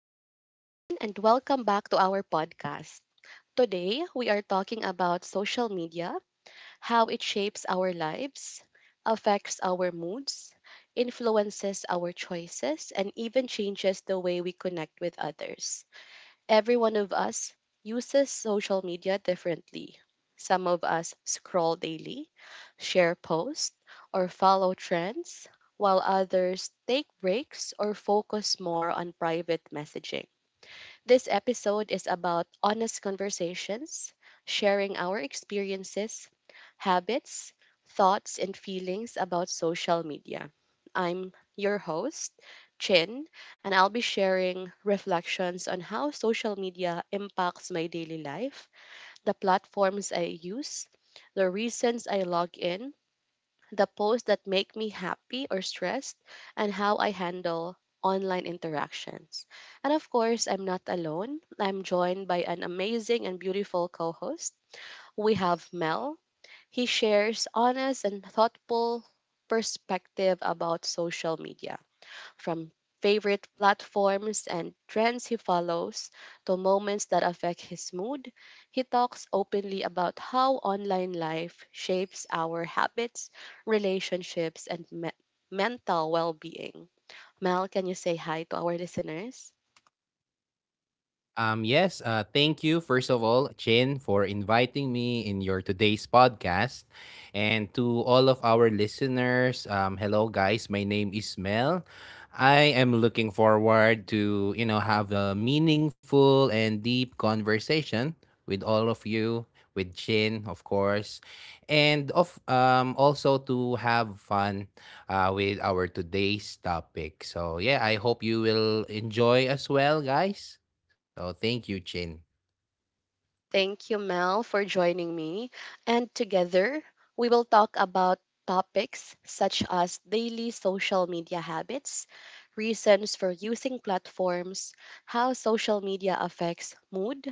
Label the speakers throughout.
Speaker 1: Hi, everyone, and welcome back to our podcast. Today, we are talking about social media, how it shapes our lives, affects our moods, influences our choices, and even changes the way we connect with others. Every one of us uses social media differently. Some of us scroll daily, share posts, or follow trends, while others take breaks or focus more on private messaging. This episode is about honest conversations, sharing our experiences, habits, thoughts, and feelings about social media. I'm your host, Chin, and I'll be sharing reflections on how social media impacts my daily life, the platforms I use, the reasons I log in, the posts that make me happy or stressed, and how I handle online interactions. And of course, I'm not alone. I'm joined by an amazing and beautiful co host. We have Mel. He shares honest and thoughtful perspective about social media from favorite platforms and trends he follows to moments that affect his mood. He talks openly about how online life shapes our habits, relationships, and mental well being. Mel, can you say hi to our listeners?
Speaker 2: Yes, thank you, first of all, Chin, for inviting me in your today's podcast. And to all of our listeners, hello, guys. My name is Mel. I am looking forward to, have a meaningful and deep conversation with all of you, with Chin, of course, and of also to have fun with our today's topic. So, yeah, I hope you will enjoy as well, guys. So thank you, Chin.
Speaker 1: Thank you, Mel, for joining me. And together, we will talk about topics such as daily social media habits, reasons for using platforms, how social media affects mood,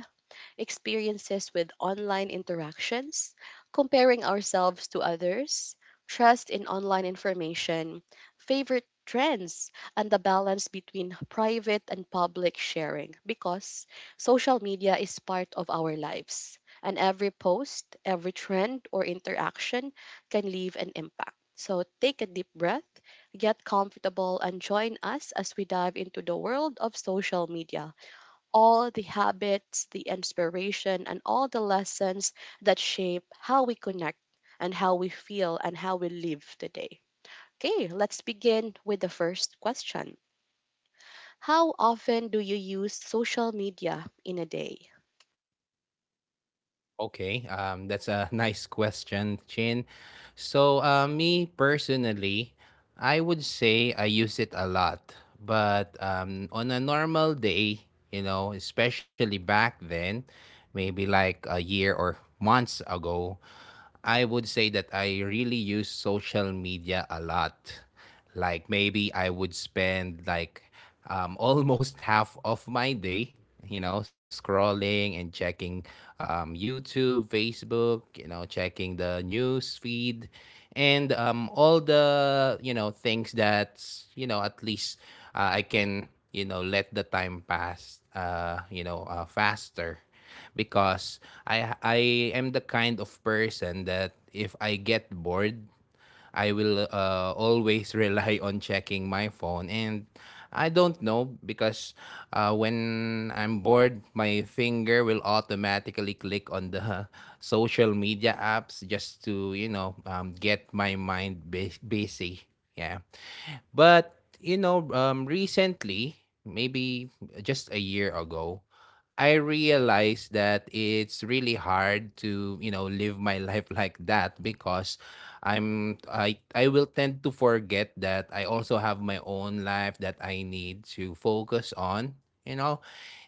Speaker 1: experiences with online interactions, comparing ourselves to others, trust in online information, favorite trends, and the balance between private and public sharing, because social media is part of our lives. And every post, every trend, or interaction can leave an impact. So take a deep breath, get comfortable, and join us as we dive into the world of social media, all the habits, the inspiration, and all the lessons that shape how we connect and how we feel and how we live today. Okay, let's begin with the first question. How often do you use social media in a day?
Speaker 2: Okay, that's a nice question, Chin. So, me personally, I would say I use it a lot, but on a normal day, you know, especially back then, maybe like a year or months ago, I would say that I really use social media a lot. Like maybe I would spend like almost half of my day, you know, scrolling and checking YouTube, Facebook, you know, checking the news feed, and all the things that at least I can let the time pass, faster because I am the kind of person that if I get bored I will always rely on checking my phone, and I don't know because when I'm bored, my finger will automatically click on the social media apps just to get my mind busy. Yeah. But recently, maybe just a year ago, I realized that it's really hard to live my life like that because I will tend to forget that I also have my own life that I need to focus on. You know,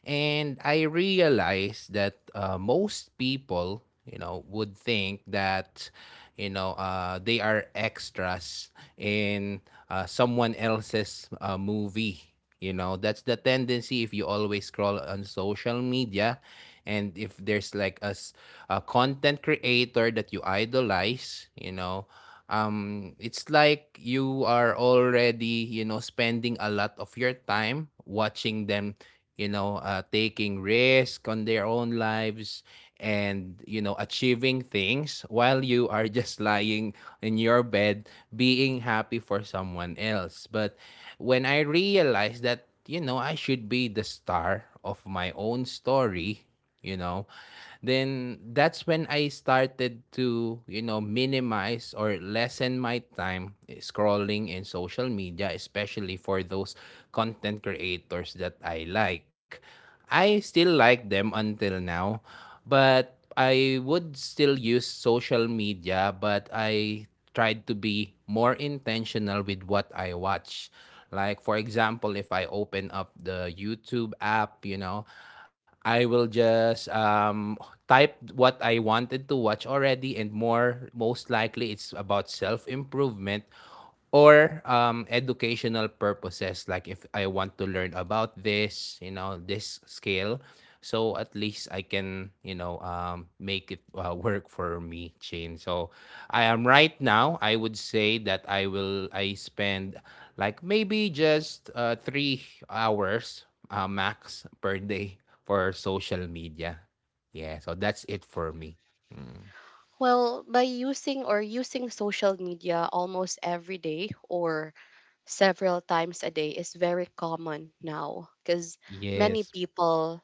Speaker 2: and I realized that most people, you know, would think that, they are extras in someone else's movie. You know, that's the tendency if you always scroll on social media, and if there's like a content creator that you idolize, you know, it's like you are already spending a lot of your time watching them, taking risk on their own lives, and achieving things while you are just lying in your bed, being happy for someone else. But when I realized that I should be the star of my own story, you know, then that's when I started to minimize or lessen my time scrolling in social media, especially for those content creators that I like. I still like them until now, but I would still use social media, but I tried to be more intentional with what I watch. Like for example, if I open up the YouTube app, you know, I will just type what I wanted to watch already, and more most likely it's about self improvement. Or educational purposes, like if I want to learn about this this skill, so at least I can make it work for me, Chain. So I am right now I would say that I spend like maybe just 3 hours max per day for social media. Yeah, so that's it for me. Mm.
Speaker 1: Well, by using or using social media almost every day or several times a day is very common now, because many
Speaker 2: Yes.
Speaker 1: people,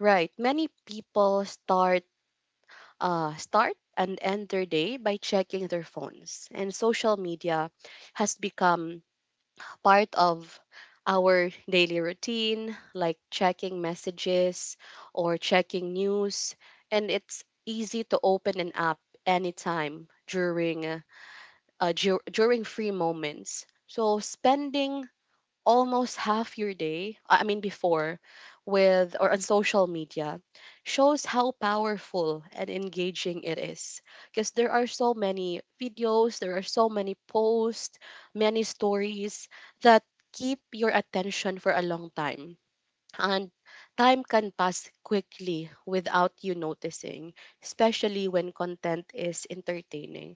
Speaker 1: right, many people start and end their day by checking their phones. And social media has become part of our daily routine, like checking messages or checking news. And it's easy to open an app anytime during free moments. So spending almost half your day, I mean before, with or on social media, shows how powerful and engaging it is. Because there are so many videos, there are so many posts, many stories that keep your attention for a long time. And time can pass quickly without you noticing, especially when content is entertaining.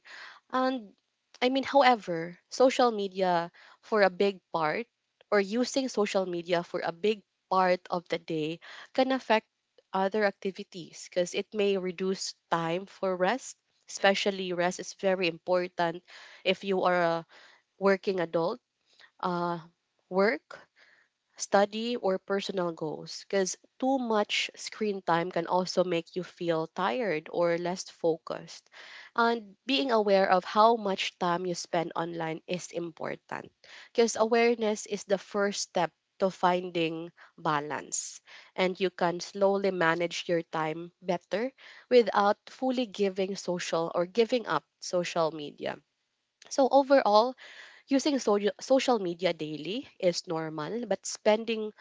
Speaker 1: And I mean, however, social media for a big part or using social media for a big part of the day can affect other activities, because it may reduce time for rest. Especially rest is very important if you are a working adult. Uh, Work, study, or personal goals, because too much screen time can also make you feel tired or less focused. And being aware of how much time you spend online is important, because awareness is the first step to finding balance, and you can slowly manage your time better without fully giving up social media. So overall, using social media daily is normal, but spending,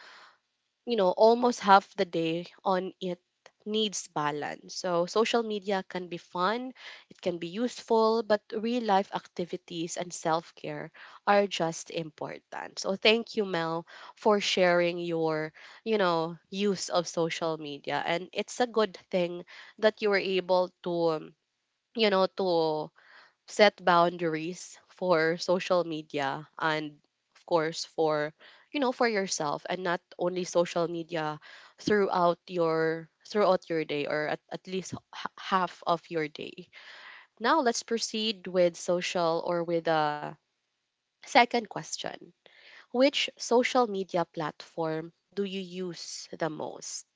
Speaker 1: you know, almost half the day on it needs balance. So social media can be fun, it can be useful, but real life activities and self-care are just important. So thank you, Mel, for sharing your you know, use of social media, and it's a good thing that you were able to to set boundaries for social media, and of course for you know for yourself and not only social media throughout your day, or at least half of your day. Now let's proceed with social or with a second question. Which social media platform do you use the most?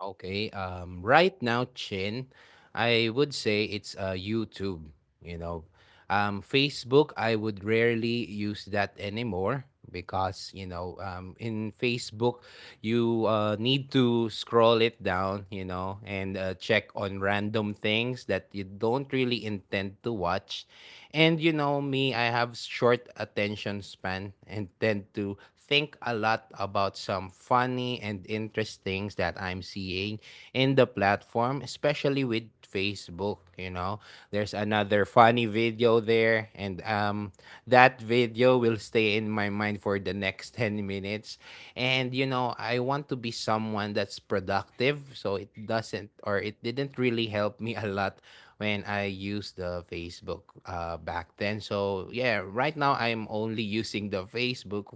Speaker 2: Okay. Right now, Chin, I would say it's YouTube. You know, Facebook, I would rarely use that anymore because in Facebook, you need to scroll it down. You know, and check on random things that you don't really intend to watch. And you know me, I have short attention span and tend to think a lot about some funny and interesting things that I'm seeing in the platform, especially with Facebook, you know. There's another funny video there, and that video will stay in my mind for the next 10 minutes. And you know, I want to be someone that's productive, so it doesn't or it didn't really help me a lot when I used the Facebook back then. So yeah, right now I'm only using the Facebook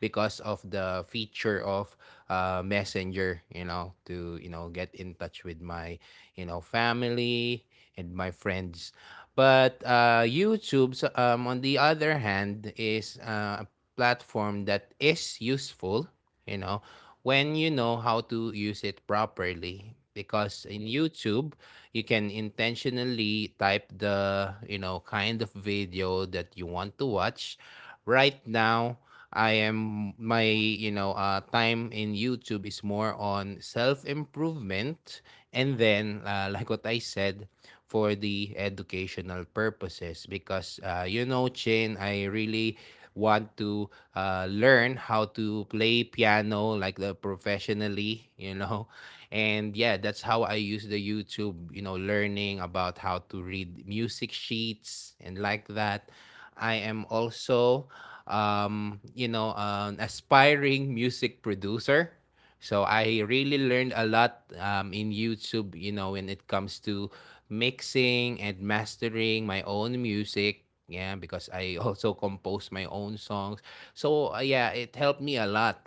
Speaker 2: because of the feature of Messenger, you know, to get in touch with my family and my friends. But YouTube, so, on the other hand, is a platform that is useful, you know, when you know how to use it properly. Because in YouTube, you can intentionally type the kind of video that you want to watch right now. I am my You know, time in YouTube is more on self improvement, and then like what I said, for the educational purposes. Because you know, Chin, I really want to learn how to play piano like professionally, you know. And yeah, that's how I use the YouTube, you know, learning about how to read music sheets and like that. I am also, you know, an aspiring music producer. So I really learned a lot in YouTube, you know, when it comes to mixing and mastering my own music. Yeah, because I also compose my own songs. So yeah, it helped me a lot.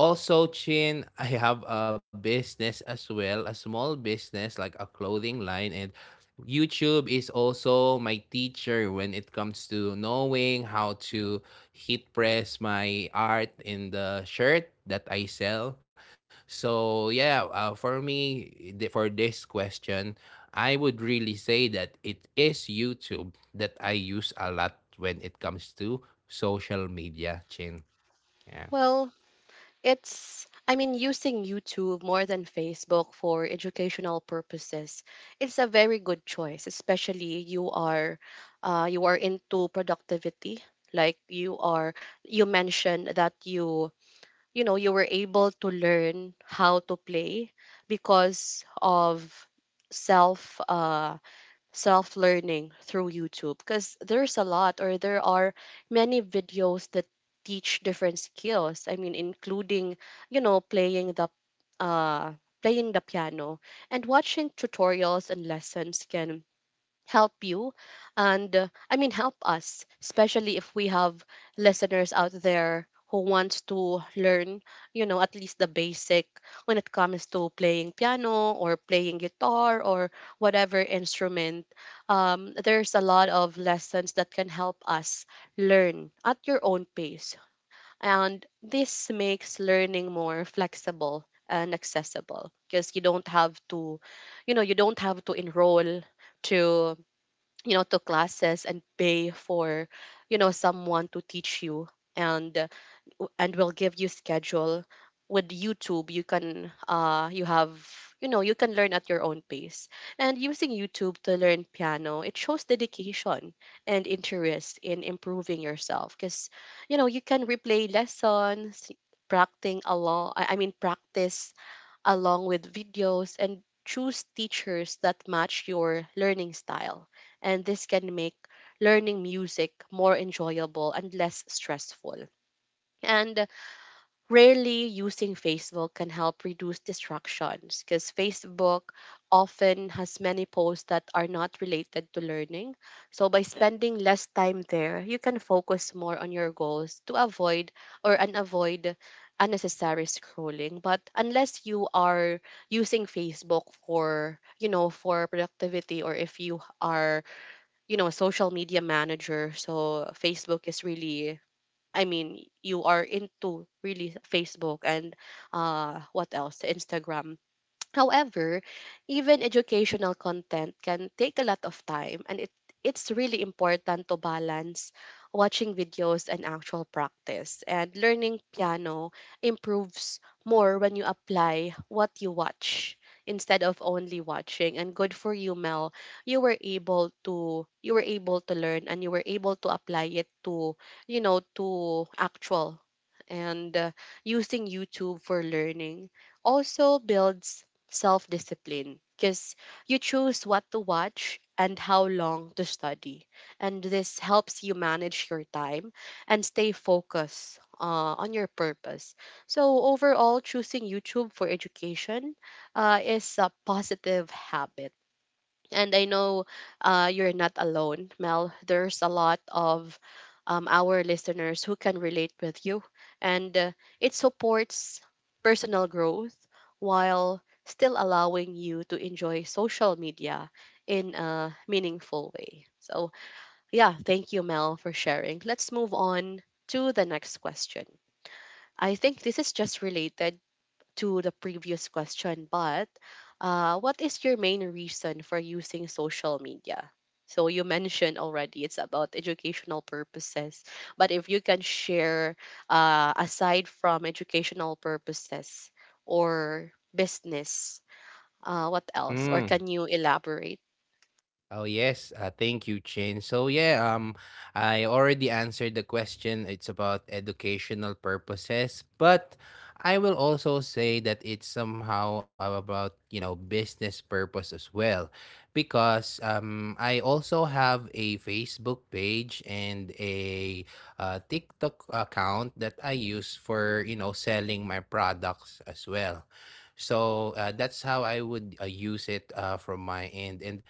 Speaker 2: Also, Chin, I have a business as well, a small business like a clothing line, and YouTube is also my teacher when it comes to knowing how to heat press my art in the shirt that I sell. So, yeah, for me, for this question, I would really say that it is YouTube that I use a lot when it comes to social media, Chin. Yeah.
Speaker 1: Well, it's, I mean, using YouTube more than Facebook for educational purposes. It's a very good choice, especially you are into productivity. Like you are, you mentioned that you know, you were able to learn how to play because of self, uh, self learning through YouTube, because there's a lot, or there are many videos that teach different skills. I mean, including, you know, playing the uh piano, and watching tutorials and lessons can help you and, I mean, help us, especially if we have listeners out there who wants to learn, you know, at least the basic when it comes to playing piano or playing guitar or whatever instrument. There's a lot of lessons that can help us learn at your own pace, and this makes learning more flexible and accessible because you don't have to you know you don't have to enroll to, you know, to classes and pay for, you know, someone to teach you, and and will give you schedule. With YouTube, you have, you know, you can learn at your own pace. And using YouTube to learn piano, it shows dedication and interest in improving yourself, because you know you can replay lessons, practicing along I mean, practice along with videos, and choose teachers that match your learning style. And this can make learning music more enjoyable and less stressful. And rarely using Facebook can help reduce distractions, because Facebook often has many posts that are not related to learning. So by spending less time there, you can focus more on your goals to avoid or unavoid unnecessary scrolling. But unless you are using Facebook for productivity, or if you are a social media manager, so Facebook is really, I mean, you are into really Facebook and, what else? Instagram. However, even educational content can take a lot of time, and it it's really important to balance watching videos and actual practice. And learning piano improves more when you apply what you watch instead of only watching. And good for you, Mel. You were able to learn, and you were able to apply it to, you know, to actual. And using YouTube for learning also builds self discipline, because you choose what to watch and how long to study. And this helps you manage your time and stay focused on your purpose. So overall, choosing YouTube for education is a positive habit, and I know you're not alone, Mel. There's a lot of our listeners who can relate with you, and it supports personal growth while still allowing you to enjoy social media in a meaningful way. So, yeah, thank you, Mel, for sharing. Let's move on to the next question. I think this is just related to the previous question, but what is your main reason for using social media? So you mentioned already it's about educational purposes, but if you can share aside from educational purposes or business, what else? Or
Speaker 2: Hmm.
Speaker 1: can you elaborate?
Speaker 2: Oh yes, thank you, Chin. So yeah, I already answered the question. It's about educational purposes, but I will also say that it's somehow about business purpose as well, because I also have a Facebook page and a TikTok account that I use for selling my products as well. So that's how I would use it from my end. And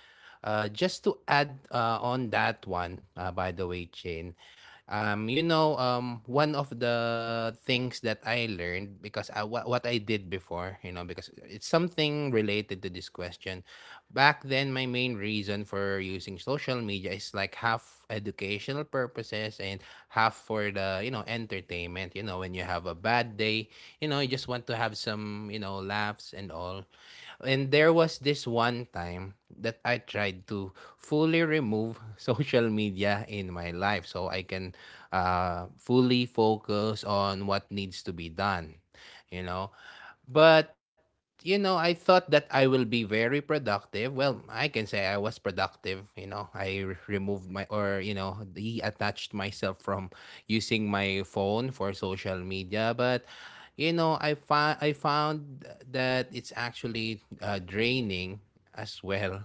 Speaker 2: just to add on that one, by the way, Chain, one of the things that I learned, because what I did before, you know, because it's something related to this question. Back then, my main reason for using social media is like half educational purposes and half for the, you know, entertainment. You know, when you have a bad day, you know, you just want to have some, you know, laughs and all. And there was this one time that I tried to fully remove social media in my life, so I can fully focus on what needs to be done. You know, but you know, I thought that I will be very productive. Well, I can say I was productive. You know, removed my, or detached myself from using my phone for social media. But you know, I found that it's actually draining as well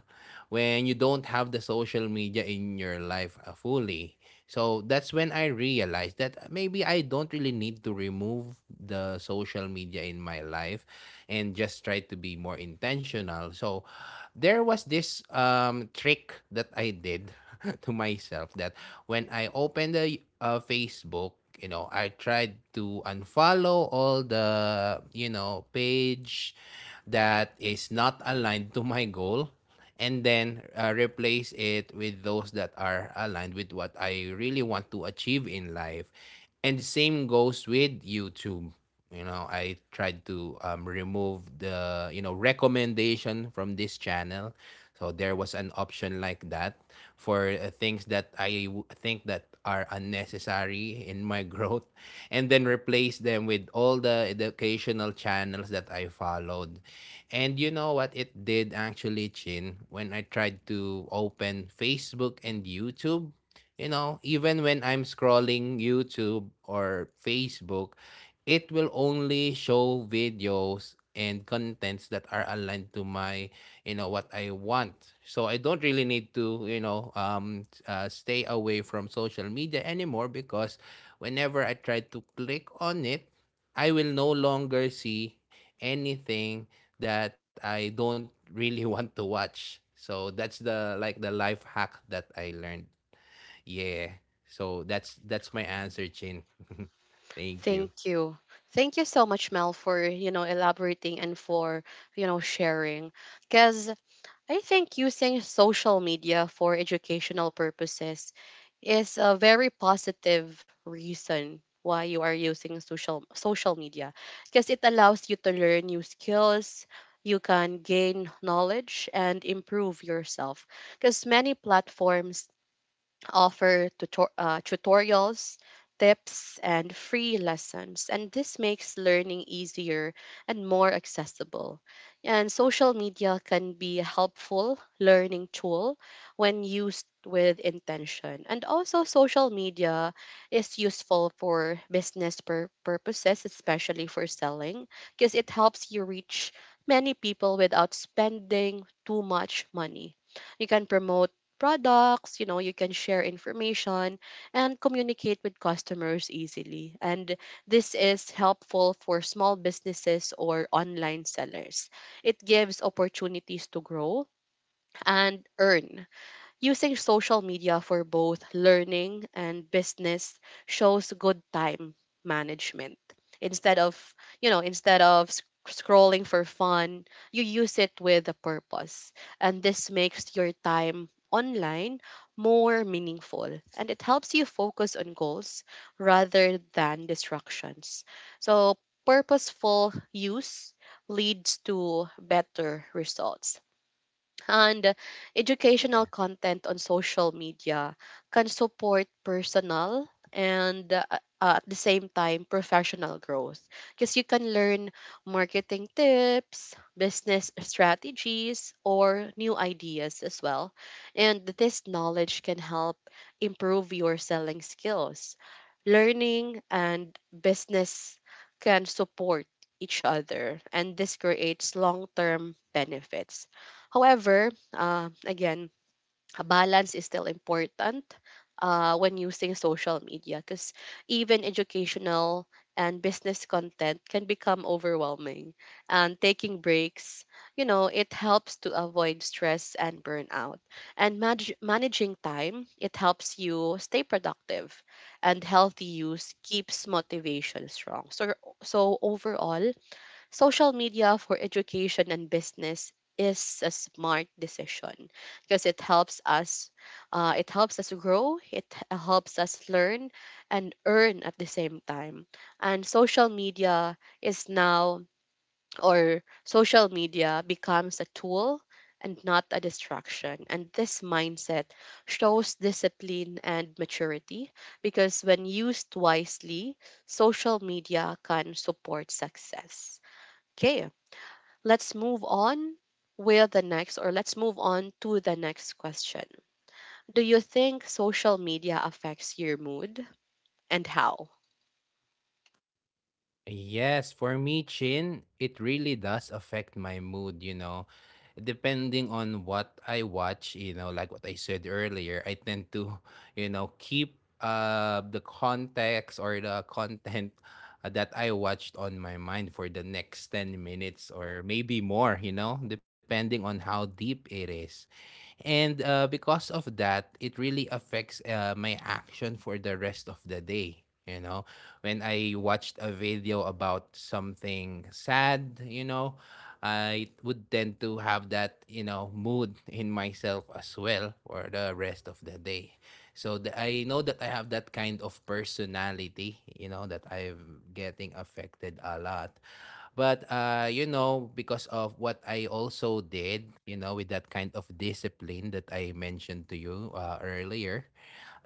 Speaker 2: when you don't have the social media in your life fully. So that's when I realized that maybe I don't really need to remove the social media in my life, and just try to be more intentional. So there was this trick that I did to myself, that when I opened the Facebook, you know, I tried to unfollow all the, you know, page that is not aligned to my goal, and then replace it with those that are aligned with what I really want to achieve in life. And same goes with YouTube. You know, I tried to remove the, you know, recommendation from this channel. So there was an option like that for things that think that are unnecessary in my growth, and then replace them with all the educational channels that I followed. And you know what it did actually, Chin, when I tried to open Facebook and YouTube? You know, even when I'm scrolling YouTube or Facebook, it will only show videos and contents that are aligned to my what I want. So I don't really need to stay away from social media anymore, because whenever I try to click on it, I will no longer see anything that I don't really want to watch. So that's the like the life hack that I learned. Yeah. So that's my answer, Chin. Thank you.
Speaker 1: Thank you. Thank you so much, Mel, for elaborating and for sharing. Because I think using social media for educational purposes is a very positive reason why you are using social media, because it allows you to learn new skills, you can gain knowledge and improve yourself, because many platforms offer tutorials, tips, and free lessons. And this makes learning easier and more accessible. And social media can be a helpful learning tool when used with intention. And also, social media is useful for business purposes, especially for selling, because it helps you reach many people without spending too much money. You can promote products, you know, you can share information and communicate with customers easily. And this is helpful for small businesses or online sellers. It gives opportunities to grow and earn. Using social media for both learning and business shows good time management. Instead of, instead of scrolling for fun, you use it with a purpose. And this makes your time online more meaningful, and it helps you focus on goals rather than distractions. So purposeful use leads to better results. And educational content on social media can support personal and, at the same time, professional growth, because you can learn marketing tips, business strategies, or new ideas as well. And this knowledge can help improve your selling skills. Learning and business can support each other, and this creates long term benefits. However, again, a balance is still important when using social media, because even educational and business content can become overwhelming. And taking breaks, you know, it helps to avoid stress and burnout. And managing time, it helps you stay productive. And healthy use keeps motivation strong. So overall, social media for education and business is a smart decision because it helps us grow, helps us learn and earn at the same time. And social media is now or social media becomes a tool and not a distraction. And this mindset shows discipline and maturity, because when used wisely, social media can support success. Okay, let's move on with the next, or let's move on to the next question. Do you think social media affects your mood, and how?
Speaker 2: Yes, for me, Chin, it really does affect my mood, you know. Depending on what I watch, you know, like what I said earlier, I tend to, you know, keep the context or the content that I watched on my mind for the next 10 minutes or maybe more, you know, depending on how deep it is. And because of that, it really affects my action for the rest of the day, you know, when I watched a video about something sad, you know, I would tend to have that, you know, mood in myself as well for the rest of the day. I know that I have that kind of personality, you know, that I'm getting affected a lot. But you know, because of what I also did, you know, with that kind of discipline that I mentioned to you earlier,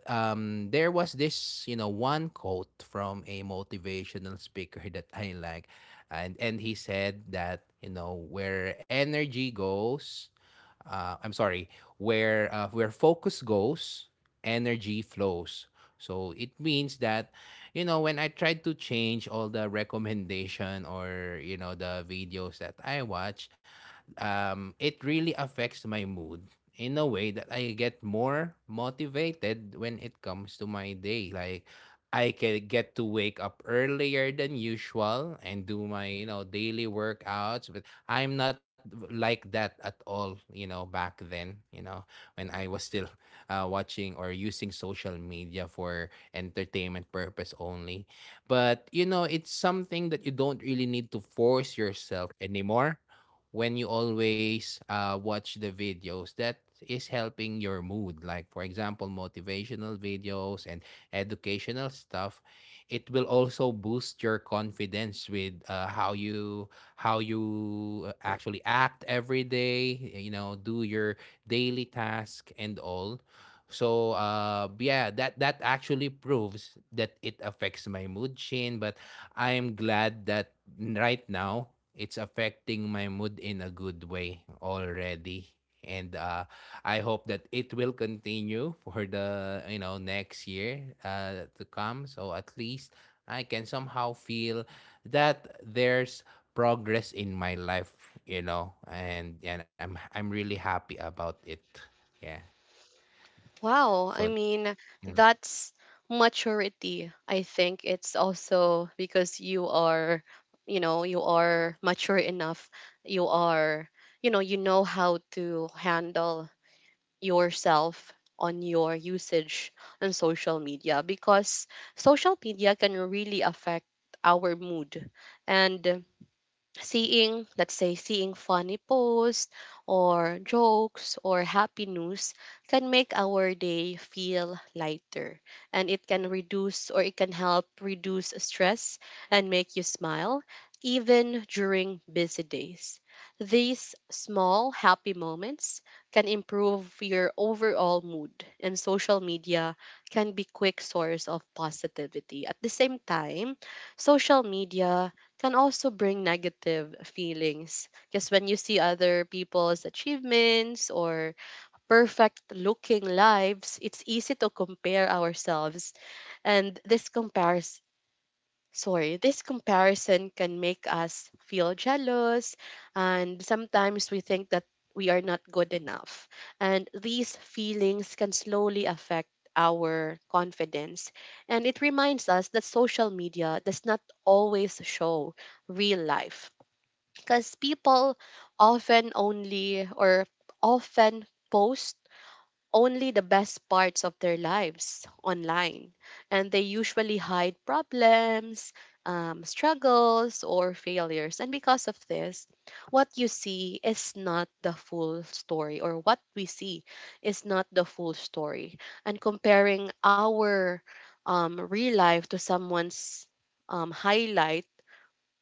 Speaker 2: there was this, you know, one quote from a motivational speaker that I like, and he said that, you know, where energy goes, I'm sorry, where focus goes, energy flows. So it means that, you know, when I tried to change all the recommendation, or you know, the videos that I watch, it really affects my mood in a way that I get more motivated when it comes to my day. Like I can get to wake up earlier than usual and do my, you know, daily workouts. But I'm not like that at all, you know, back then, you know, when I was still watching or using social media for entertainment purpose only. But, you know, it's something that you don't really need to force yourself anymore when you always watch the videos that is helping your mood, like for example motivational videos and educational stuff. It will also boost your confidence with how you actually act every day, you know, do your daily task and all. So yeah, that actually proves that it affects my mood, chain, but I am glad that right now it's affecting my mood in a good way already. And I hope that it will continue for the, you know, next year to come. So at least I can somehow feel that there's progress in my life, you know, and I'm really happy about it. Yeah.
Speaker 1: Wow,
Speaker 2: So
Speaker 1: I mean,
Speaker 2: mm.
Speaker 1: that's maturity. I think it's also because you are, you know, you are mature enough. You are, you know how to handle yourself on your usage on social media, because social media can really affect our mood. And seeing let's say seeing funny posts or jokes or happy news can make our day feel lighter, and it can help reduce stress and make you smile even during busy days. These small happy moments can improve your overall mood, and social media can be quick source of positivity. At the same time, social media can also bring negative feelings, because when you see other people's achievements or perfect looking lives, it's easy to compare ourselves. And this compares sorry this comparison can make us feel jealous, and sometimes we think that we are not good enough. And these feelings can slowly affect our confidence, and it reminds us that social media does not always show real life, because people often only or often post only the best parts of their lives online. And they usually hide problems, struggles, or failures. And because of this, what you see is not the full story or what we see is not the full story. And comparing our real life to someone's highlight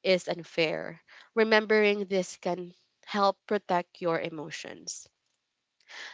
Speaker 1: is unfair. Remembering this can help protect your emotions.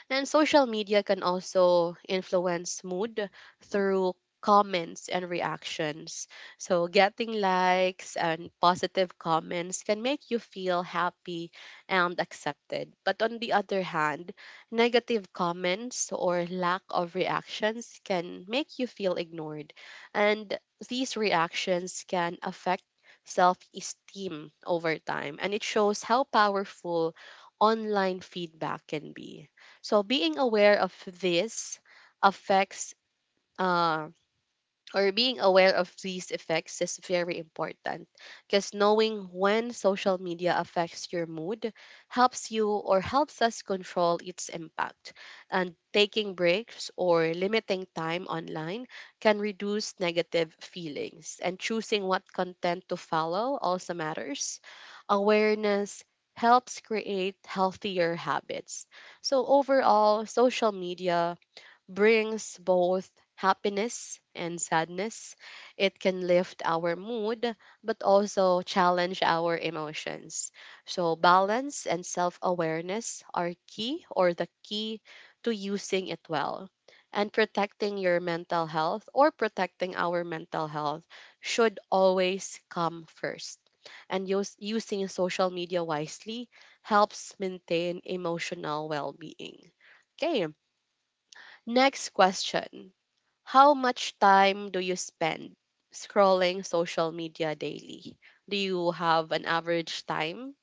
Speaker 1: And social media can also influence mood through comments and reactions. So, getting likes and positive comments can make you feel happy and accepted. But on the other hand, negative comments or lack of reactions can make you feel ignored. And these reactions can affect self esteem over time, and it shows how powerful online feedback can be. So being aware of affects uh, these effects is very important, because knowing when social media affects your mood helps you or helps us control its impact. And taking breaks or limiting time online can reduce negative feelings. And choosing what content to follow also matters. Awareness helps create healthier habits. So, overall, social media brings both happiness and sadness. It can lift our mood, but also challenge our emotions. So, balance and self awareness are key or the key to using it well. And protecting our mental health should always come first. And using social media wisely helps maintain emotional well being. Okay, next question. How much time do you spend scrolling social media daily? Do you have an average time?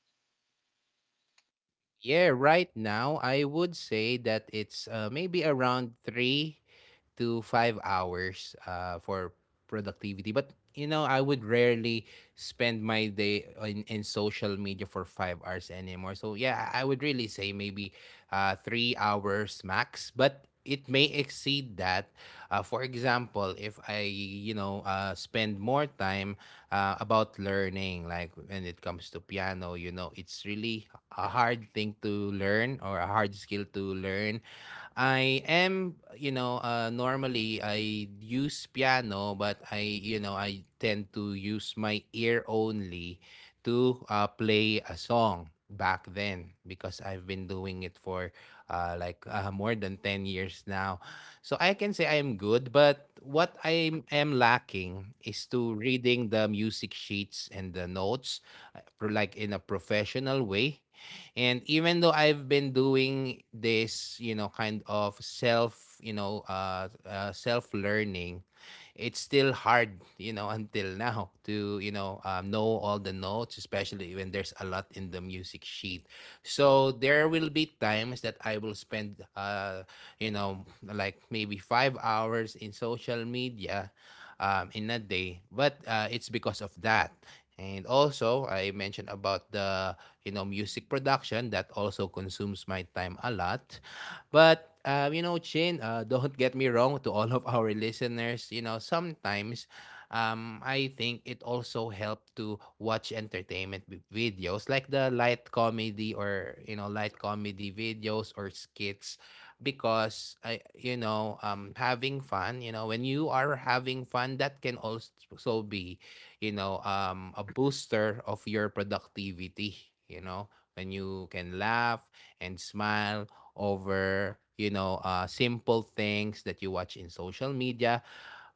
Speaker 2: yeah, right now I would say that it's maybe around 3 to 5 hours for productivity. But you know, I would rarely spend my day in social media for 5 hours anymore. So yeah, I would really say maybe 3 hours max. But it may exceed that. For example, if I you know spend more time about learning. Like when it comes to piano, you know, it's really a hard thing to learn, or a hard skill to learn. I am, you know, normally I use piano, but I, you know, I tend to use my ear only to play a song back then because I've been doing it for like more than 10 years now. So I can say I am good, but what I am lacking is to reading the music sheets and the notes, like in a professional way. And even though I've been doing this, you know, kind of self, you know, self learning, it's still hard, you know, until now to, you know all the notes, especially when there's a lot in the music sheet. So there will be times that I will spend, you know, like maybe 5 hours in social media in a day, but it's because of that. And also, I mentioned about the, you know, music production that also consumes my time a lot. But you know, Chin, don't get me wrong to all of our listeners. You know, sometimes I think it also helped to watch entertainment videos like the light comedy or, you know, light comedy videos or skits, because I, you know, having fun, you know, when you are having fun, that can also be, you know, a booster of your productivity, you know, when you can laugh and smile over, you know, simple things that you watch in social media.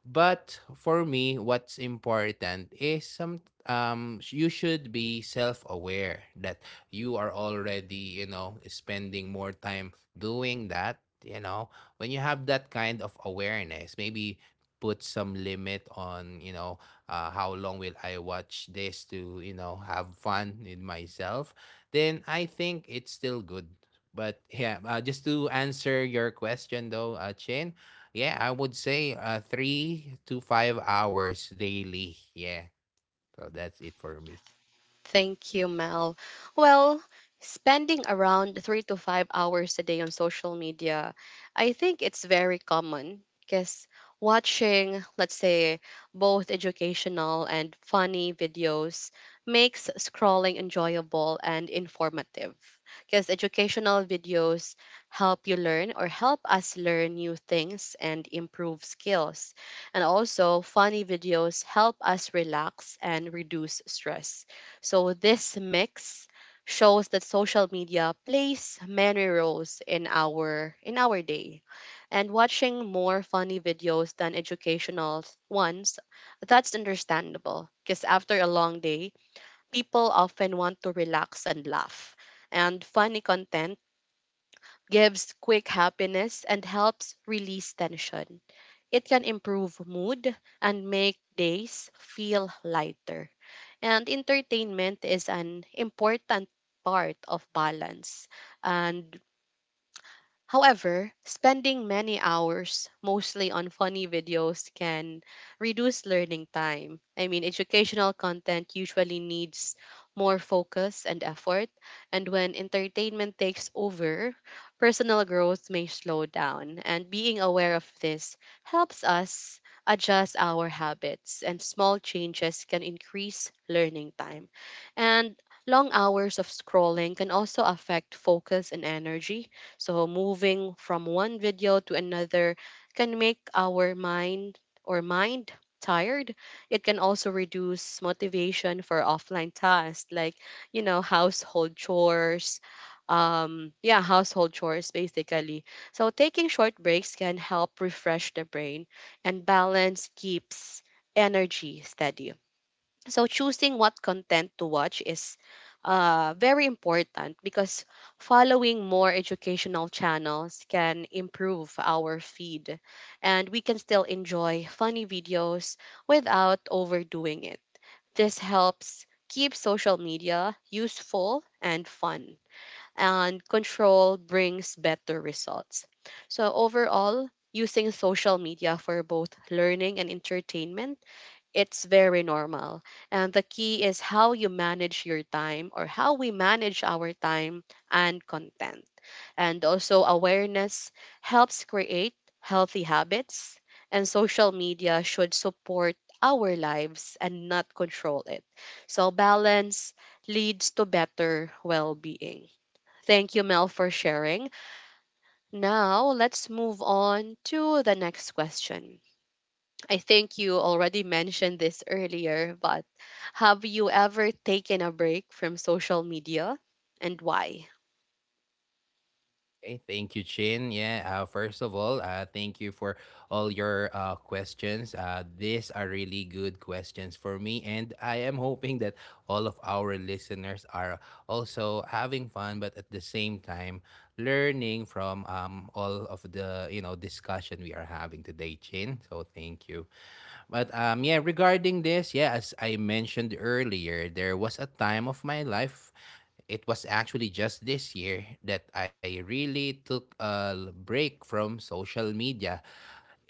Speaker 2: But for me, what's important is some you should be self-aware that you are already, you know, spending more time doing that, you know. When you have that kind of awareness, maybe put some limit on, you know, how long will I watch this to, you know, have fun with myself, then I think it's still good. But yeah, just to answer your question though, Chin, yeah, I would say 3 to 5 hours daily. Yeah, so that's it for me.
Speaker 1: Thank you, Mel. Well, spending around 3 to 5 hours a day on social media, I think it's very common, because watching, let's say, both educational and funny videos makes scrolling enjoyable and informative. Because educational videos help us learn new things and improve skills. And also, funny videos help us relax and reduce stress. So, this mix shows that social media plays many roles in our day. And watching more funny videos than educational ones, that's understandable, because after a long day, people often want to relax and laugh. And funny content gives quick happiness and helps release tension. It can improve mood and make days feel lighter, and entertainment is an important part of balance. And However, spending many hours mostly on funny videos can reduce learning time. I mean, educational content usually needs more focus and effort, and when entertainment takes over, personal growth may slow down. And being aware of this helps us adjust our habits, and small changes can increase learning time. And long hours of scrolling can also affect focus and energy. So, moving from one video to another can make our mind or mind tired. It can also reduce motivation for offline tasks like, you know, household chores. Yeah, household chores basically. So, taking short breaks can help refresh the brain, and balance keeps energy steady. So choosing what content to watch is very important, because following more educational channels can improve our feed, and we can still enjoy funny videos without overdoing it. This helps keep social media useful and fun, and control brings better results. So, overall, using social media for both learning and entertainment, it's very normal. And the key is how we manage our time and content. And also, awareness helps create healthy habits, and social media should support our lives and not control it. So, balance leads to better well being. Thank you, Mel, for sharing. Now, let's move on to the next question. I think you already mentioned this earlier, but have you ever taken a break from social media, and why?
Speaker 2: Okay, thank you, Chin. Yeah, first of all, thank you for all your questions. These are really good questions for me, and I am hoping that all of our listeners are also having fun, but at the same time, learning from, all of the, you know, discussion we are having today, Chin. So thank you. But yeah, regarding this, yeah, as I mentioned earlier, there was a time of my life. It was actually just this year that I really took a break from social media.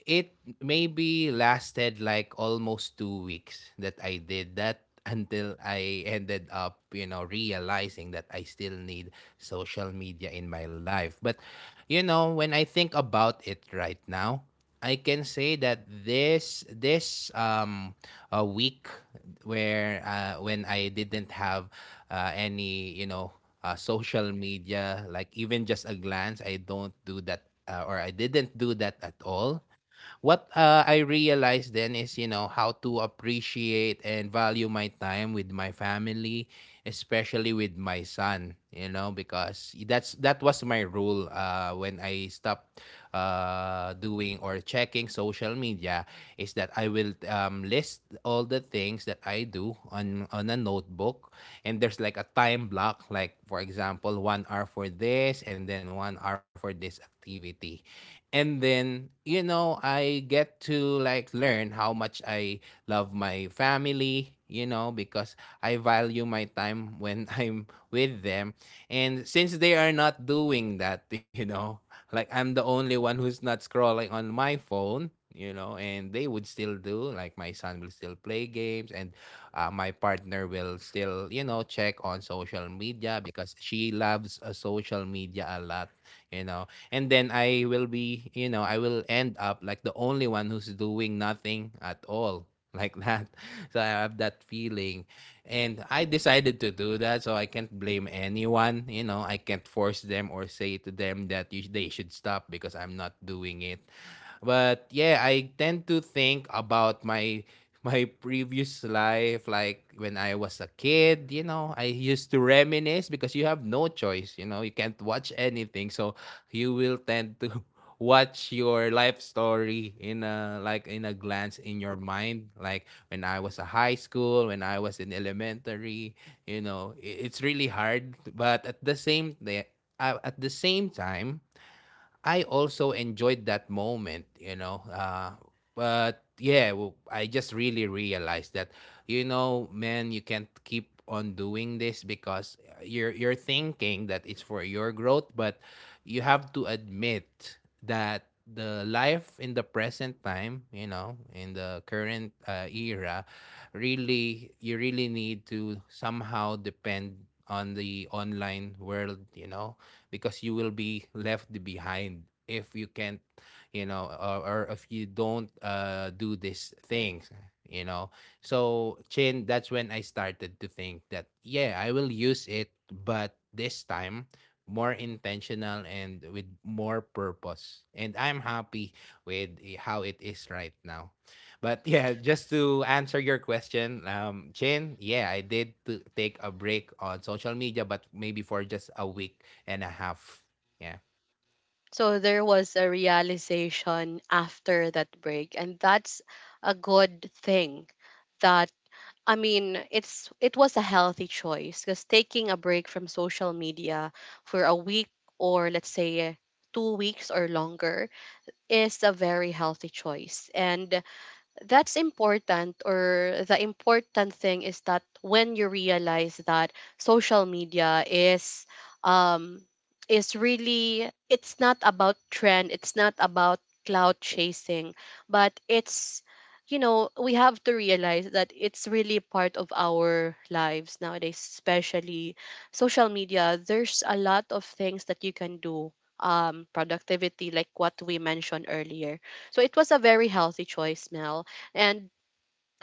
Speaker 2: It maybe lasted like almost 2 weeks that I did that, until I ended up, you know, realizing that I still need social media in my life. But, you know, when I think about it right now, I can say that this a week where when I didn't have any, you know, social media, like even just a glance, I don't do that or I didn't do that at all. What I realized then is, you know, how to appreciate and value my time with my family, especially with my son, you know, because that's that was my rule when I stopped doing or checking social media, is that I will list all the things that I do on a notebook, and there's like a time block, like for example 1 hour for this and then 1 hour for this activity. And then you know, I get to like learn how much I love my family, you know, because I value my time when I'm with them. And since they are not doing that, you know, like I'm the only one who's not scrolling on my phone, you know, and they would still do, like my son will still play games, and my partner will still, you know, check on social media because she loves social media a lot, you know. And then I will be, you know, I will end up like the only one who's doing nothing at all like that. So I have that feeling. And I decided to do that. So I can't blame anyone. You know, I can't force them or say to them that you, they should stop because I'm not doing it. But yeah, I tend to think about my my previous life, like when I was a kid, you know, I used to reminisce because you have no choice, you know, you can't watch anything. So you will tend to watch your life story in a like in a glance in your mind, like when I was a high school, when I was in elementary, you know, it's really hard, but at the same time, I also enjoyed that moment, you know. But yeah, I just really realized that, you know, man, you can't keep on doing this because you're thinking that it's for your growth, but you have to admit that the life in the present time, you know, in the current era, really, you really need to somehow depend on the online world, you know, because you will be left behind if you can't, you know, or if you don't do these things, you know. So, Chin, that's when I started to think that, yeah, I will use it, but this time more intentional and with more purpose. And I'm happy with how it is right now. But yeah, just to answer your question, Chin, yeah, I did to take a break on social media, but maybe for just a week and a half. Yeah.
Speaker 1: So there was a realization after that break, and that's a good thing. That I mean it's It was a healthy choice, because taking a break from social media for a week, or let's say 2 weeks or longer, is a very healthy choice. And that's important, or the important thing is that when you realize that social media um is really, it's not about trend, it's not about cloud chasing, but it's, you know, we have to realize that it's really part of our lives nowadays. Especially social media, there's a lot of things that you can do, productivity, like what we mentioned earlier. So it was a very healthy choice, Mel. And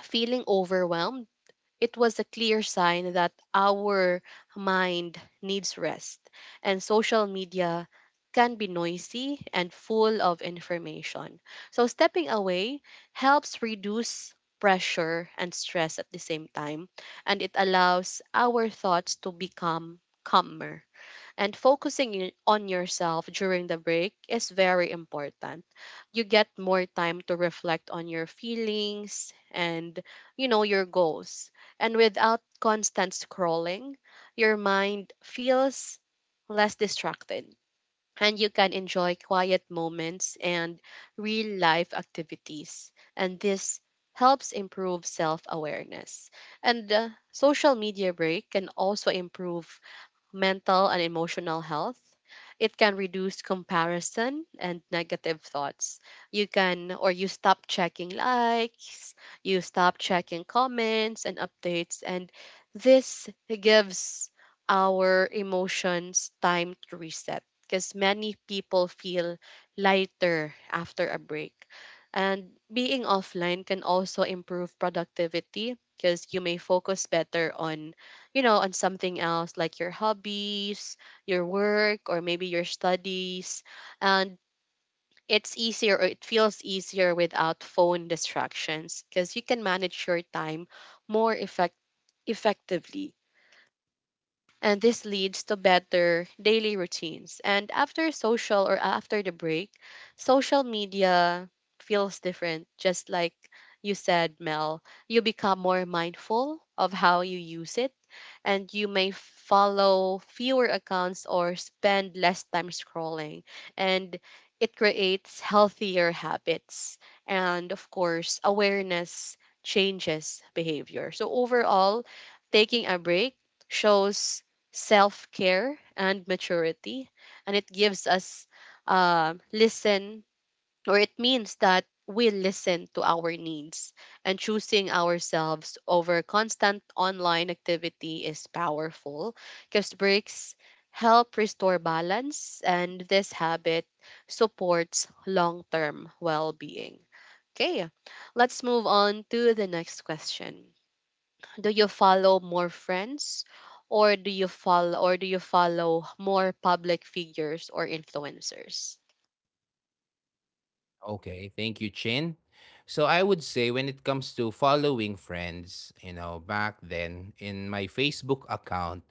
Speaker 1: feeling overwhelmed, it was a clear sign that our mind needs rest. And social media can be noisy and full of information. So, stepping away helps reduce pressure and stress at the same time, and it allows our thoughts to become calmer. And focusing on yourself during the break is very important. You get more time to reflect on your feelings and, you know, your goals. And without constant scrolling, your mind feels less distracted, and you can enjoy quiet moments and real life activities. And this helps improve self awareness. And social media break can also improve mental and emotional health. It can reduce comparison and negative thoughts. You can, or you stop checking likes, you stop checking comments and updates, and this gives our emotions time to reset, because many people feel lighter after a break. And being offline can also improve productivity, because you may focus better on, you know, on something else like your hobbies, your work, or maybe your studies. And it feels easier without phone distractions, because you can manage your time more effect- effectively, and this leads to better daily routines. And after the break, social media feels different, just like you said, Mel. You become more mindful of how you use it, and you may follow fewer accounts or spend less time scrolling. And it creates healthier habits. And of course, awareness changes behavior. So, overall, taking a break shows self care and maturity. And it gives us listen, or it means that we listen to our needs, and choosing ourselves over constant online activity is powerful, because breaks help restore balance, and this habit supports long-term well-being. Okay, let's move on to the next question. Do you follow more friends, or do you follow more public figures or influencers?
Speaker 2: Okay, thank you, Chin. So I would say when it comes to following friends, you know, back then in my Facebook account,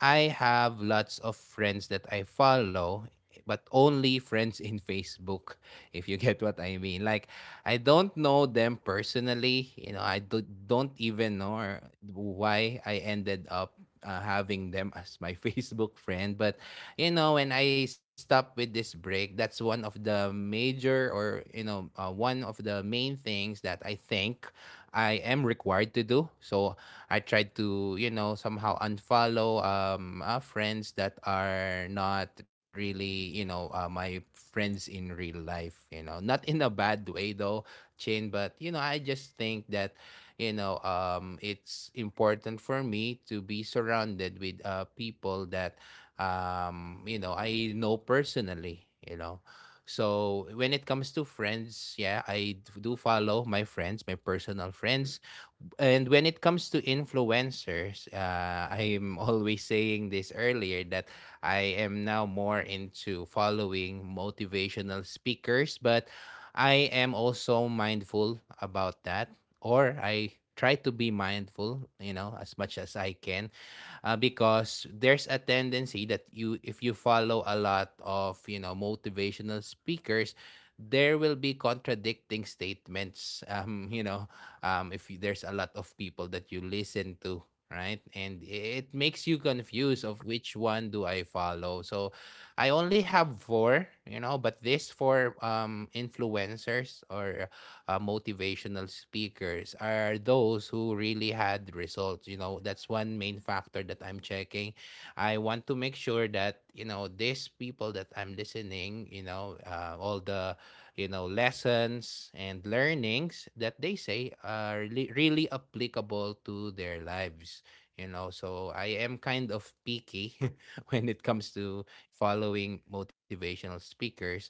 Speaker 2: I have lots of friends that I follow, but only friends in Facebook, if you get what I mean. Like, I don't know them personally. You know, don't even know or why I ended up having them as my Facebook friend. But you know, when I stop with this break, that's one of the major or you know one of the main things that I think I am required to do. So I tried to, you know, somehow unfollow friends that are not really, you know, my friends in real life. You know, not in a bad way though, Chin. But you know, I just think that it's important for me to be surrounded with people that I know personally. So when it comes to friends, yeah, do follow my friends, my personal friends. And when it comes to influencers, I'm always saying this earlier that I am now more into following motivational speakers, but I am also mindful about that, or I try to be mindful, you know, as much as I can. Because there's a tendency that if you follow a lot of, you know, motivational speakers, there will be contradicting statements. If you- There's a lot of people that you listen to, right, and it makes you confused of which one do I follow. So I only have four, you know, but these four influencers or motivational speakers are those who really had results. You know, that's one main factor that I'm checking. I want to make sure that, you know, these people that I'm listening, you know, all the, you know, lessons and learnings that they say are really, really applicable to their lives. So I am kind of picky when it comes to following motivational speakers.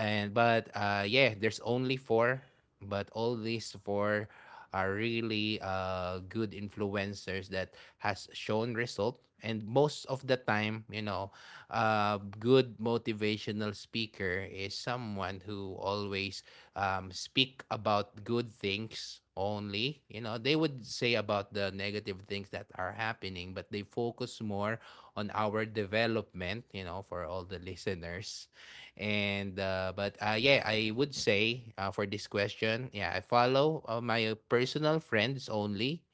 Speaker 2: And but Yeah, there's only four, but all these four are really good influencers that has shown result. And most of the time, you know, a good motivational speaker is someone who always speak about good things only. You know, they would say about the negative things that are happening, but they focus more on our development, you know, for all the listeners. And but Yeah, I would say, for this question, yeah, I follow, my personal friends only.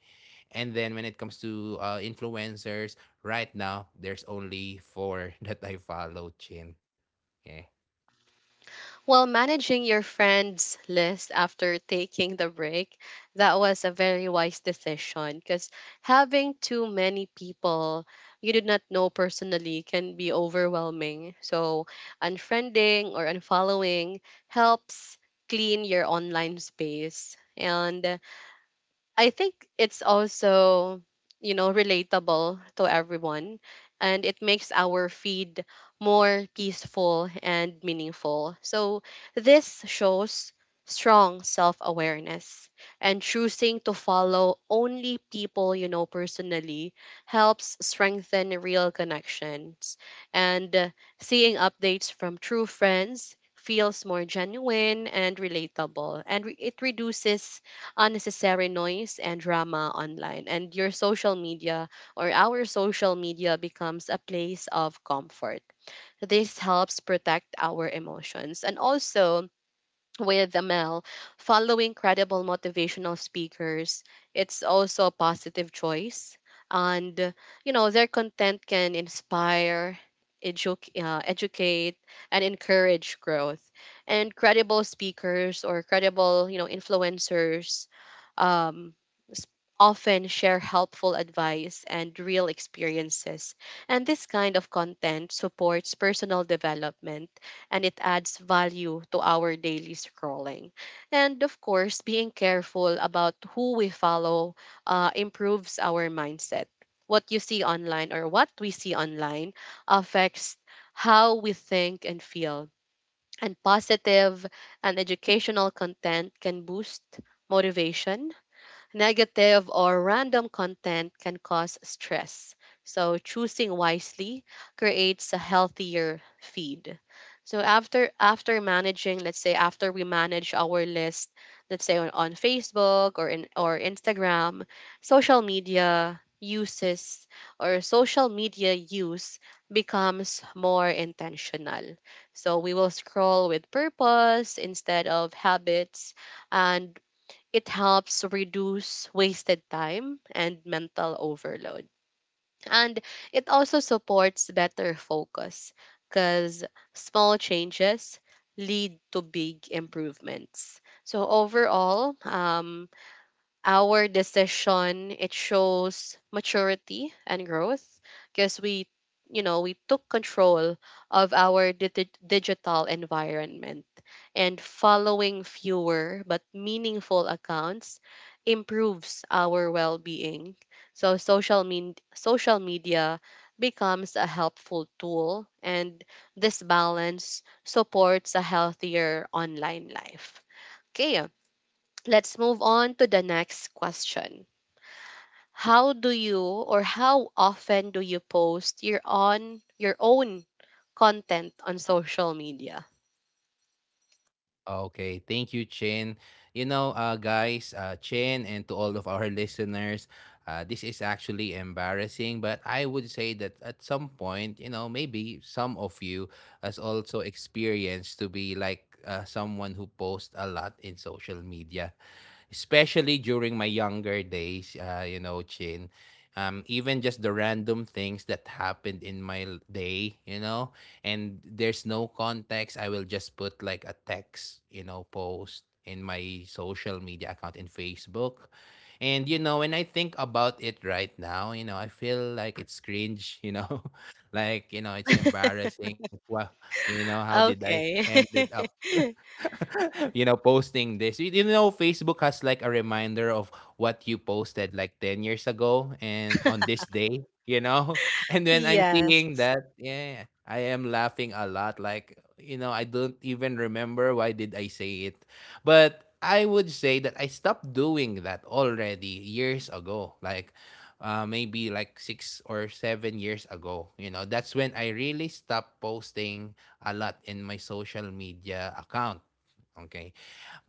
Speaker 2: And then when it comes to influencers, right now, there's only four that I follow, Chin. Yeah.
Speaker 1: Well, managing your friends list after taking the break, that was a very wise decision, because having too many people you did not know personally can be overwhelming. So unfriending or unfollowing helps clean your online space, and I think it's also, you know, relatable to everyone, and it makes our feed more peaceful and meaningful. So this shows strong self-awareness. And choosing to follow only people you know personally helps strengthen real connections. And seeing updates from true friends feels more genuine and relatable, and it reduces unnecessary noise and drama online, and your social media or our social media becomes a place of comfort. This helps protect our emotions. And also, with Amel, following credible motivational speakers, it's also a positive choice. And, you know, their content can inspire, educate, and encourage growth. And credible speakers or credible, you know, influencers, um, s- often share helpful advice and real experiences. And this kind of content supports personal development, and it adds value to our daily scrolling. And of course, being careful about who we follow improves our mindset. What we see online affects how we think and feel. And positive and educational content can boost motivation. Negative or random content can cause stress. So, choosing wisely creates a healthier feed. So after managing, let's say after we manage our list, let's say on Facebook or Instagram, social media uses social media use becomes more intentional. So we will scroll with purpose instead of habits, and it helps reduce wasted time and mental overload. And it also supports better focus because small changes lead to big improvements. So overall, our decision, it shows maturity and growth because we you know we took control of our digital environment, and following fewer but meaningful accounts improves our well-being. So social media becomes a helpful tool, and this balance supports a healthier online life. Okay. Let's move on to the next question. How often do you post your own content on social media?
Speaker 2: Okay, thank you, Chin. You know, guys, Chin, and to all of our listeners, this is actually embarrassing, but I would say that at some point, you know, maybe some of you has also experienced to be like someone who posts a lot in social media, especially during my younger days. You know, Chin, even just the random things that happened in my day, you know, and there's no context. I will just put like a text, you know, post in my social media account in Facebook. And you know, when I think about it right now, you know, I feel like it's cringe, you know, like, you know, it's embarrassing. Well, you know, how did I
Speaker 1: Okay.
Speaker 2: ended up posting this. You know, Facebook has like a reminder of what you posted like 10 years ago and on this day, you know? And when I'm
Speaker 1: Yes.
Speaker 2: seeing that, yeah, I am laughing a lot. Like, you know, I don't even remember why did I say it. But I would say that I stopped doing that already years ago. Like, maybe like 6 or 7 years ago. You know, that's when I really stopped posting a lot in my social media account. Okay.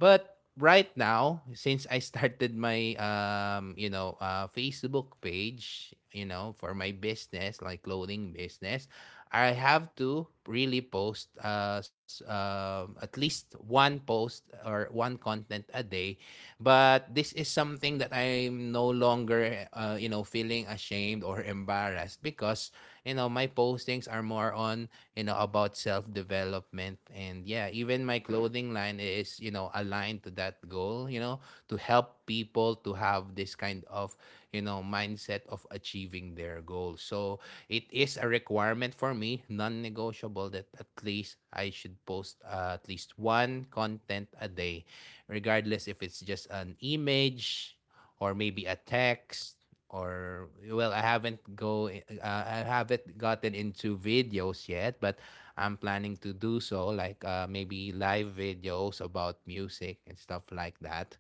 Speaker 2: But right now, since I started my Facebook page, you know, for my business, like clothing business, I have to really post, at least one post or one content a day. But this is something that I'm no longer you know, feeling ashamed or embarrassed, because you know my postings are more on, you know, about self development. And yeah, even my clothing line is, you know, aligned to that goal, you know, to help people to have this kind of, you know, mindset of achieving their goals. So it is a requirement for me, non-negotiable, that at least I should post, at least one content a day, regardless if it's just an image or maybe a text. Or well, I haven't gotten into videos yet, but I'm planning to do so. Like, maybe live videos about music and stuff like that.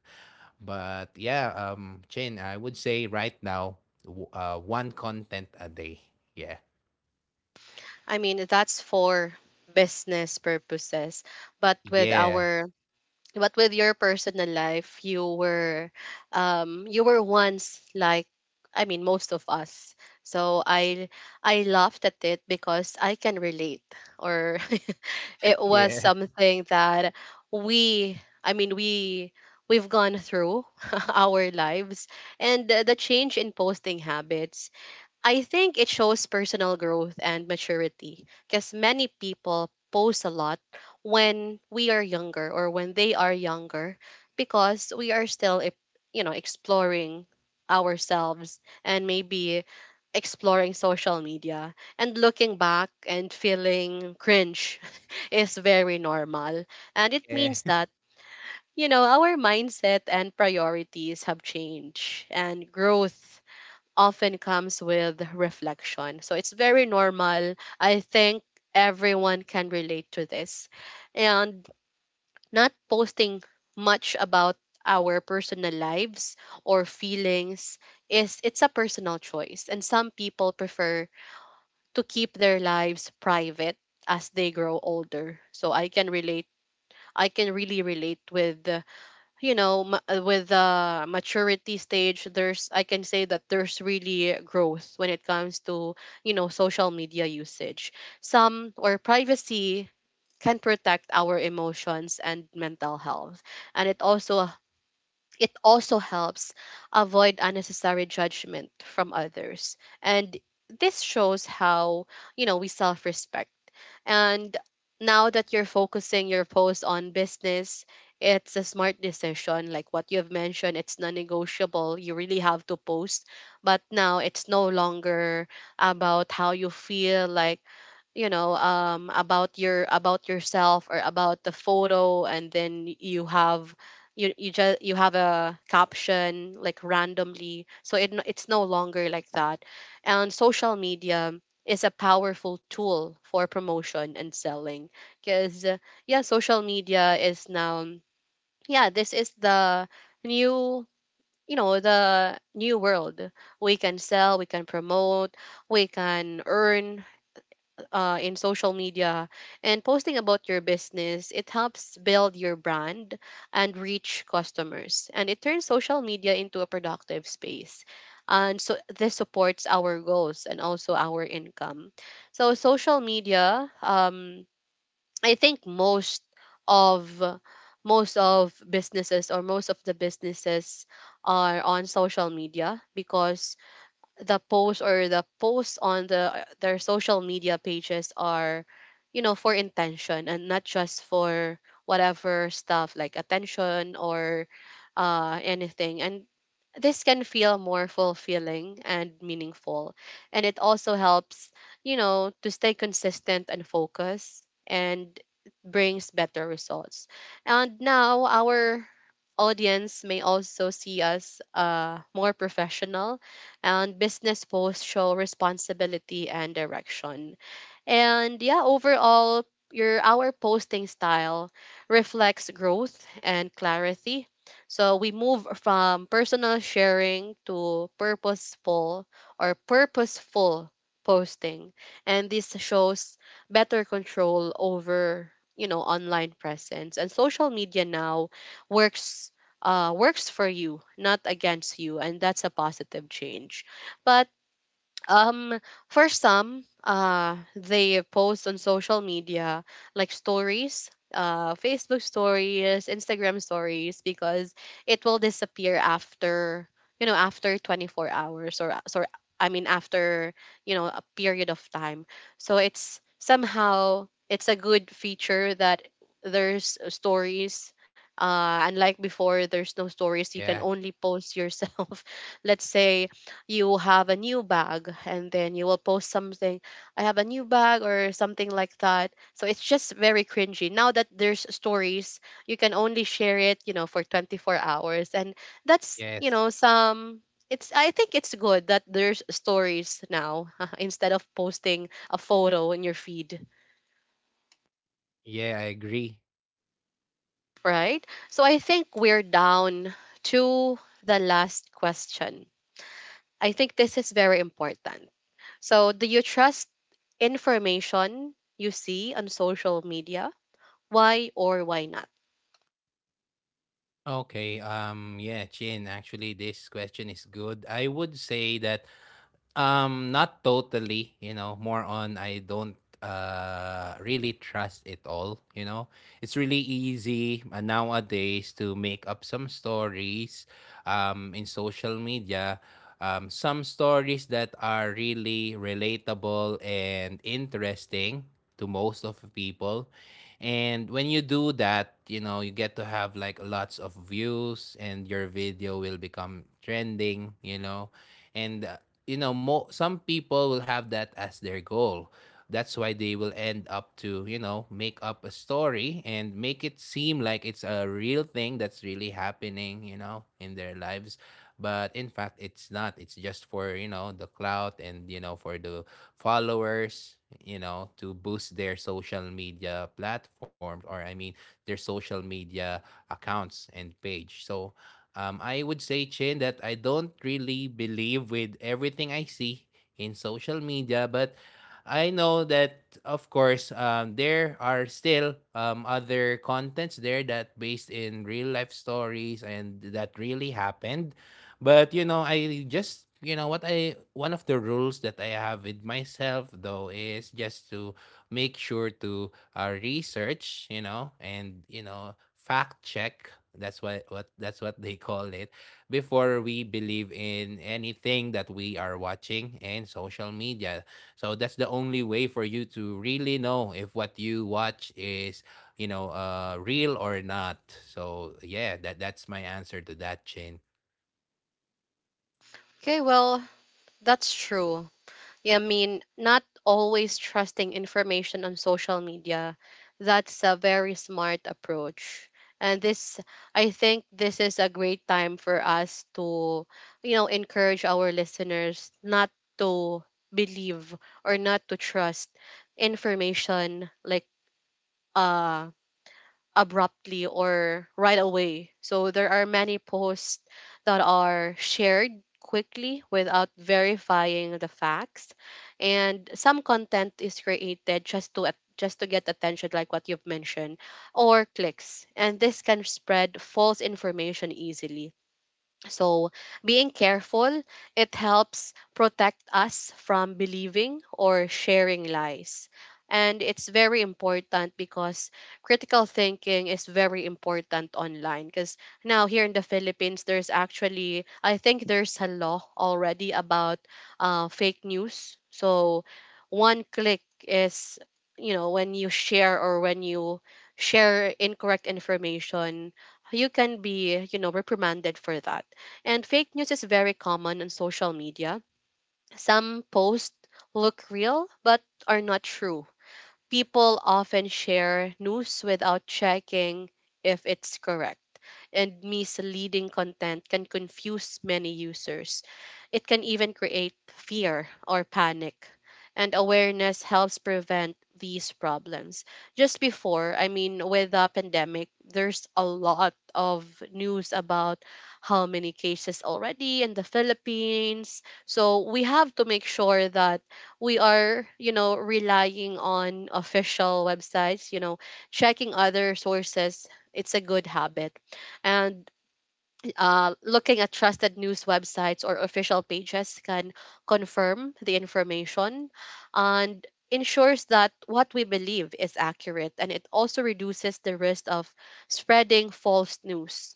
Speaker 2: But yeah, Chin, I would say right now, one content a day. Yeah.
Speaker 1: I mean, that's for business purposes, but with
Speaker 2: Yeah.
Speaker 1: our but with your personal life, you were, you were once like, I mean, most of us, so I laughed at it because I can relate. Or it
Speaker 2: Yeah.
Speaker 1: was something that we I mean we we've gone through our lives. And the change in posting habits, I think, it shows personal growth and maturity, because many people post a lot when we are younger, or when they are younger, because we are still you know, exploring ourselves, and maybe exploring social media. And looking back and feeling cringe is very normal, and it
Speaker 2: Yeah.
Speaker 1: means
Speaker 2: Yeah.
Speaker 1: that, you know, our mindset and priorities have changed, and growth often comes with reflection. So it's very normal. I think everyone can relate to this. And not posting much about our personal lives or feelings, is it's a personal choice, and some people prefer to keep their lives private as they grow older. So I can relate. I can really relate with, you know, with the maturity stage, there's, I can say that there's really growth when it comes to, you know, social media usage. Some, or privacy, can protect our emotions and mental health, and it also, helps avoid unnecessary judgment from others. And this shows how, you know, we self-respect. And now that you're focusing your post on business, it's a smart decision. Like what you've mentioned, it's non negotiable. You really have to post. But now it's no longer about how you feel, like, you know, about your, about yourself, or about the photo, and then you have, you just you have a caption like randomly, so it it's no longer like that. And social media is a powerful tool for promotion and selling, because, yeah, social media is now, yeah, this is the new, you know, the new world. We can sell, we can promote, we can earn in social media. And posting about your business, it helps build your brand and reach customers. And it turns social media into a productive space. And so this supports our goals and also our income. So social media, I think most of, most of businesses, or most of the businesses, are on social media, because the post, or the posts on the their social media pages, are, you know, for intention, and not just for whatever stuff like attention or anything. And this can feel more fulfilling and meaningful, and it also helps, you know, to stay consistent and focused, and brings better results. And now our audience may also see us more professional, and business posts show responsibility and direction. And yeah, overall, your our posting style reflects growth and clarity. So we move from personal sharing to purposeful, or purposeful posting. And this shows better control over, you know, online presence. And social media now works, for you, not against you, and that's a positive change. But um, for some, they post on social media like stories, Facebook stories, Instagram stories, because it will disappear after, you know, after 24 hours or, I mean, after, you know, a period of time. So it's somehow, it's a good feature that there's stories. Unlike before, there's no stories. You can
Speaker 2: Yeah.
Speaker 1: only post yourself. Let's say you have a new bag and then you will post something, I have a new bag or something like that. So it's just very cringy now that there's stories. You can only share it, you know, for 24 hours. And that's, you know,
Speaker 2: Yes.
Speaker 1: some, it's, I think it's good that there's stories now instead of posting a photo in your feed.
Speaker 2: Yeah, I agree.
Speaker 1: Right. So I think we're down to the last question. I think this is very important. So, do you trust information you see on social media? Why or why not?
Speaker 2: Okay, yeah, Chin, actually this question is good. I would say that not totally, you know, more on I don't really trust it all, you know. It's really easy, nowadays, to make up some stories in social media. Some stories that are really relatable and interesting to most of the people. And when you do that, you know, you get to have like lots of views and your video will become trending, you know. And you know, some people will have that as their goal. That's why they will end up to, you know, make up a story and make it seem like it's a real thing that's really happening, you know, in their lives. But in fact, it's not. It's just for, you know, the clout and, you know, for the followers, you know, to boost their social media platforms, or, I mean, their social media accounts and page. So, I would say, Chin, that I don't really believe with everything I see in social media, but I know that, of course, there are still other contents there that based in real life stories and that really happened. But you know, I just you know what I one of the rules that I have with myself though is just to make sure to, research, you know, and you know, fact check. That's what they call it before we believe in anything that we are watching in social media. So that's the only way for you to really know if what you watch is, you know, real or not. So yeah, that's my answer to that, Chin.
Speaker 1: Okay, well, that's true. Yeah, I mean, not always trusting information on social media, that's a very smart approach. And this, I think this is a great time for us to, you know, encourage our listeners not to believe, or not to trust information, like, uh, abruptly or right away. So there are many posts that are shared quickly without verifying the facts, and some content is created just to just to get attention, like what you've mentioned, or clicks, and this can spread false information easily. So, being careful, it helps protect us from believing or sharing lies. And it's very important because critical thinking is very important online. Because now, here in the Philippines, there's actually, I think there's a law already about fake news. So, one click is, you know, when you share, or when you share incorrect information, you can be, you know, reprimanded for that. And fake news is very common on social media. Some posts look real but are not true. People often share news without checking if it's correct, and misleading content can confuse many users. It can even create fear or panic. And awareness helps prevent these problems. Just before, I mean, with the pandemic, there's a lot of news about how many cases already in the Philippines. So we have to make sure that we are, you know, relying on official websites, you know, checking other sources. It's a good habit, and looking at trusted news websites or official pages can confirm the information, and ensures that what we believe is accurate, and it also reduces the risk of spreading false news.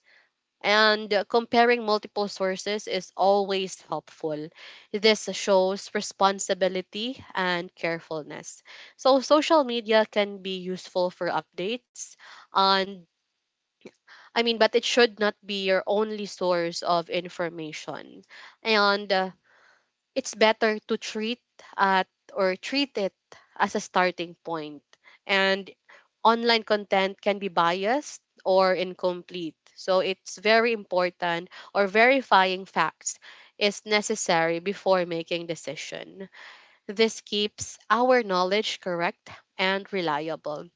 Speaker 1: And comparing multiple sources is always helpful. This shows responsibility and carefulness. So social media can be useful for updates, and, I mean, but it should not be your only source of information. And it's better to treat at or treat it as a starting point. And online content can be biased or incomplete. So it's very important, or verifying facts is necessary before making decision. This keeps our knowledge correct and reliable.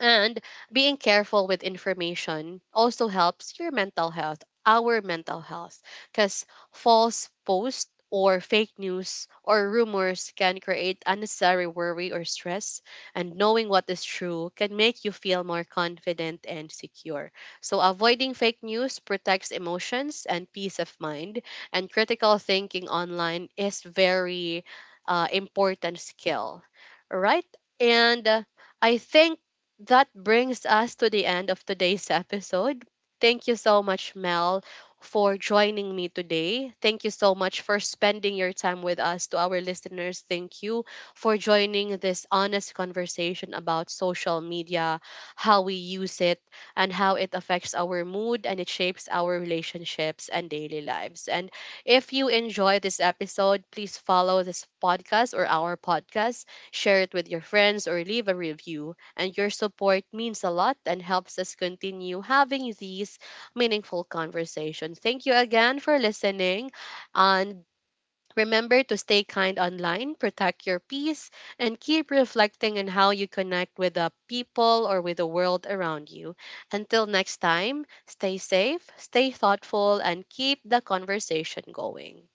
Speaker 1: And being careful with information also helps your mental health, our mental health, because false posts or fake news or rumors can create unnecessary worry or stress. And knowing what is true can make you feel more confident and secure. So, avoiding fake news protects emotions and peace of mind. And critical thinking online is very important skill, right? And I think that brings us to the end of today's episode. Thank you so much, Mel, for joining me today. Thank you so much for spending your time with us. To our listeners, thank you for joining this honest conversation about social media, how we use it, and how it affects our mood, and it shapes our relationships and daily lives. And if you enjoy this episode, please follow this podcast, or our podcast, share it with your friends, or leave a review. And your support means a lot and helps us continue having these meaningful conversations. Thank you again for listening, and remember to stay kind online, protect your peace, and keep reflecting on how you connect with the people, or with the world around you. Until next time, stay safe, stay thoughtful, and keep the conversation going.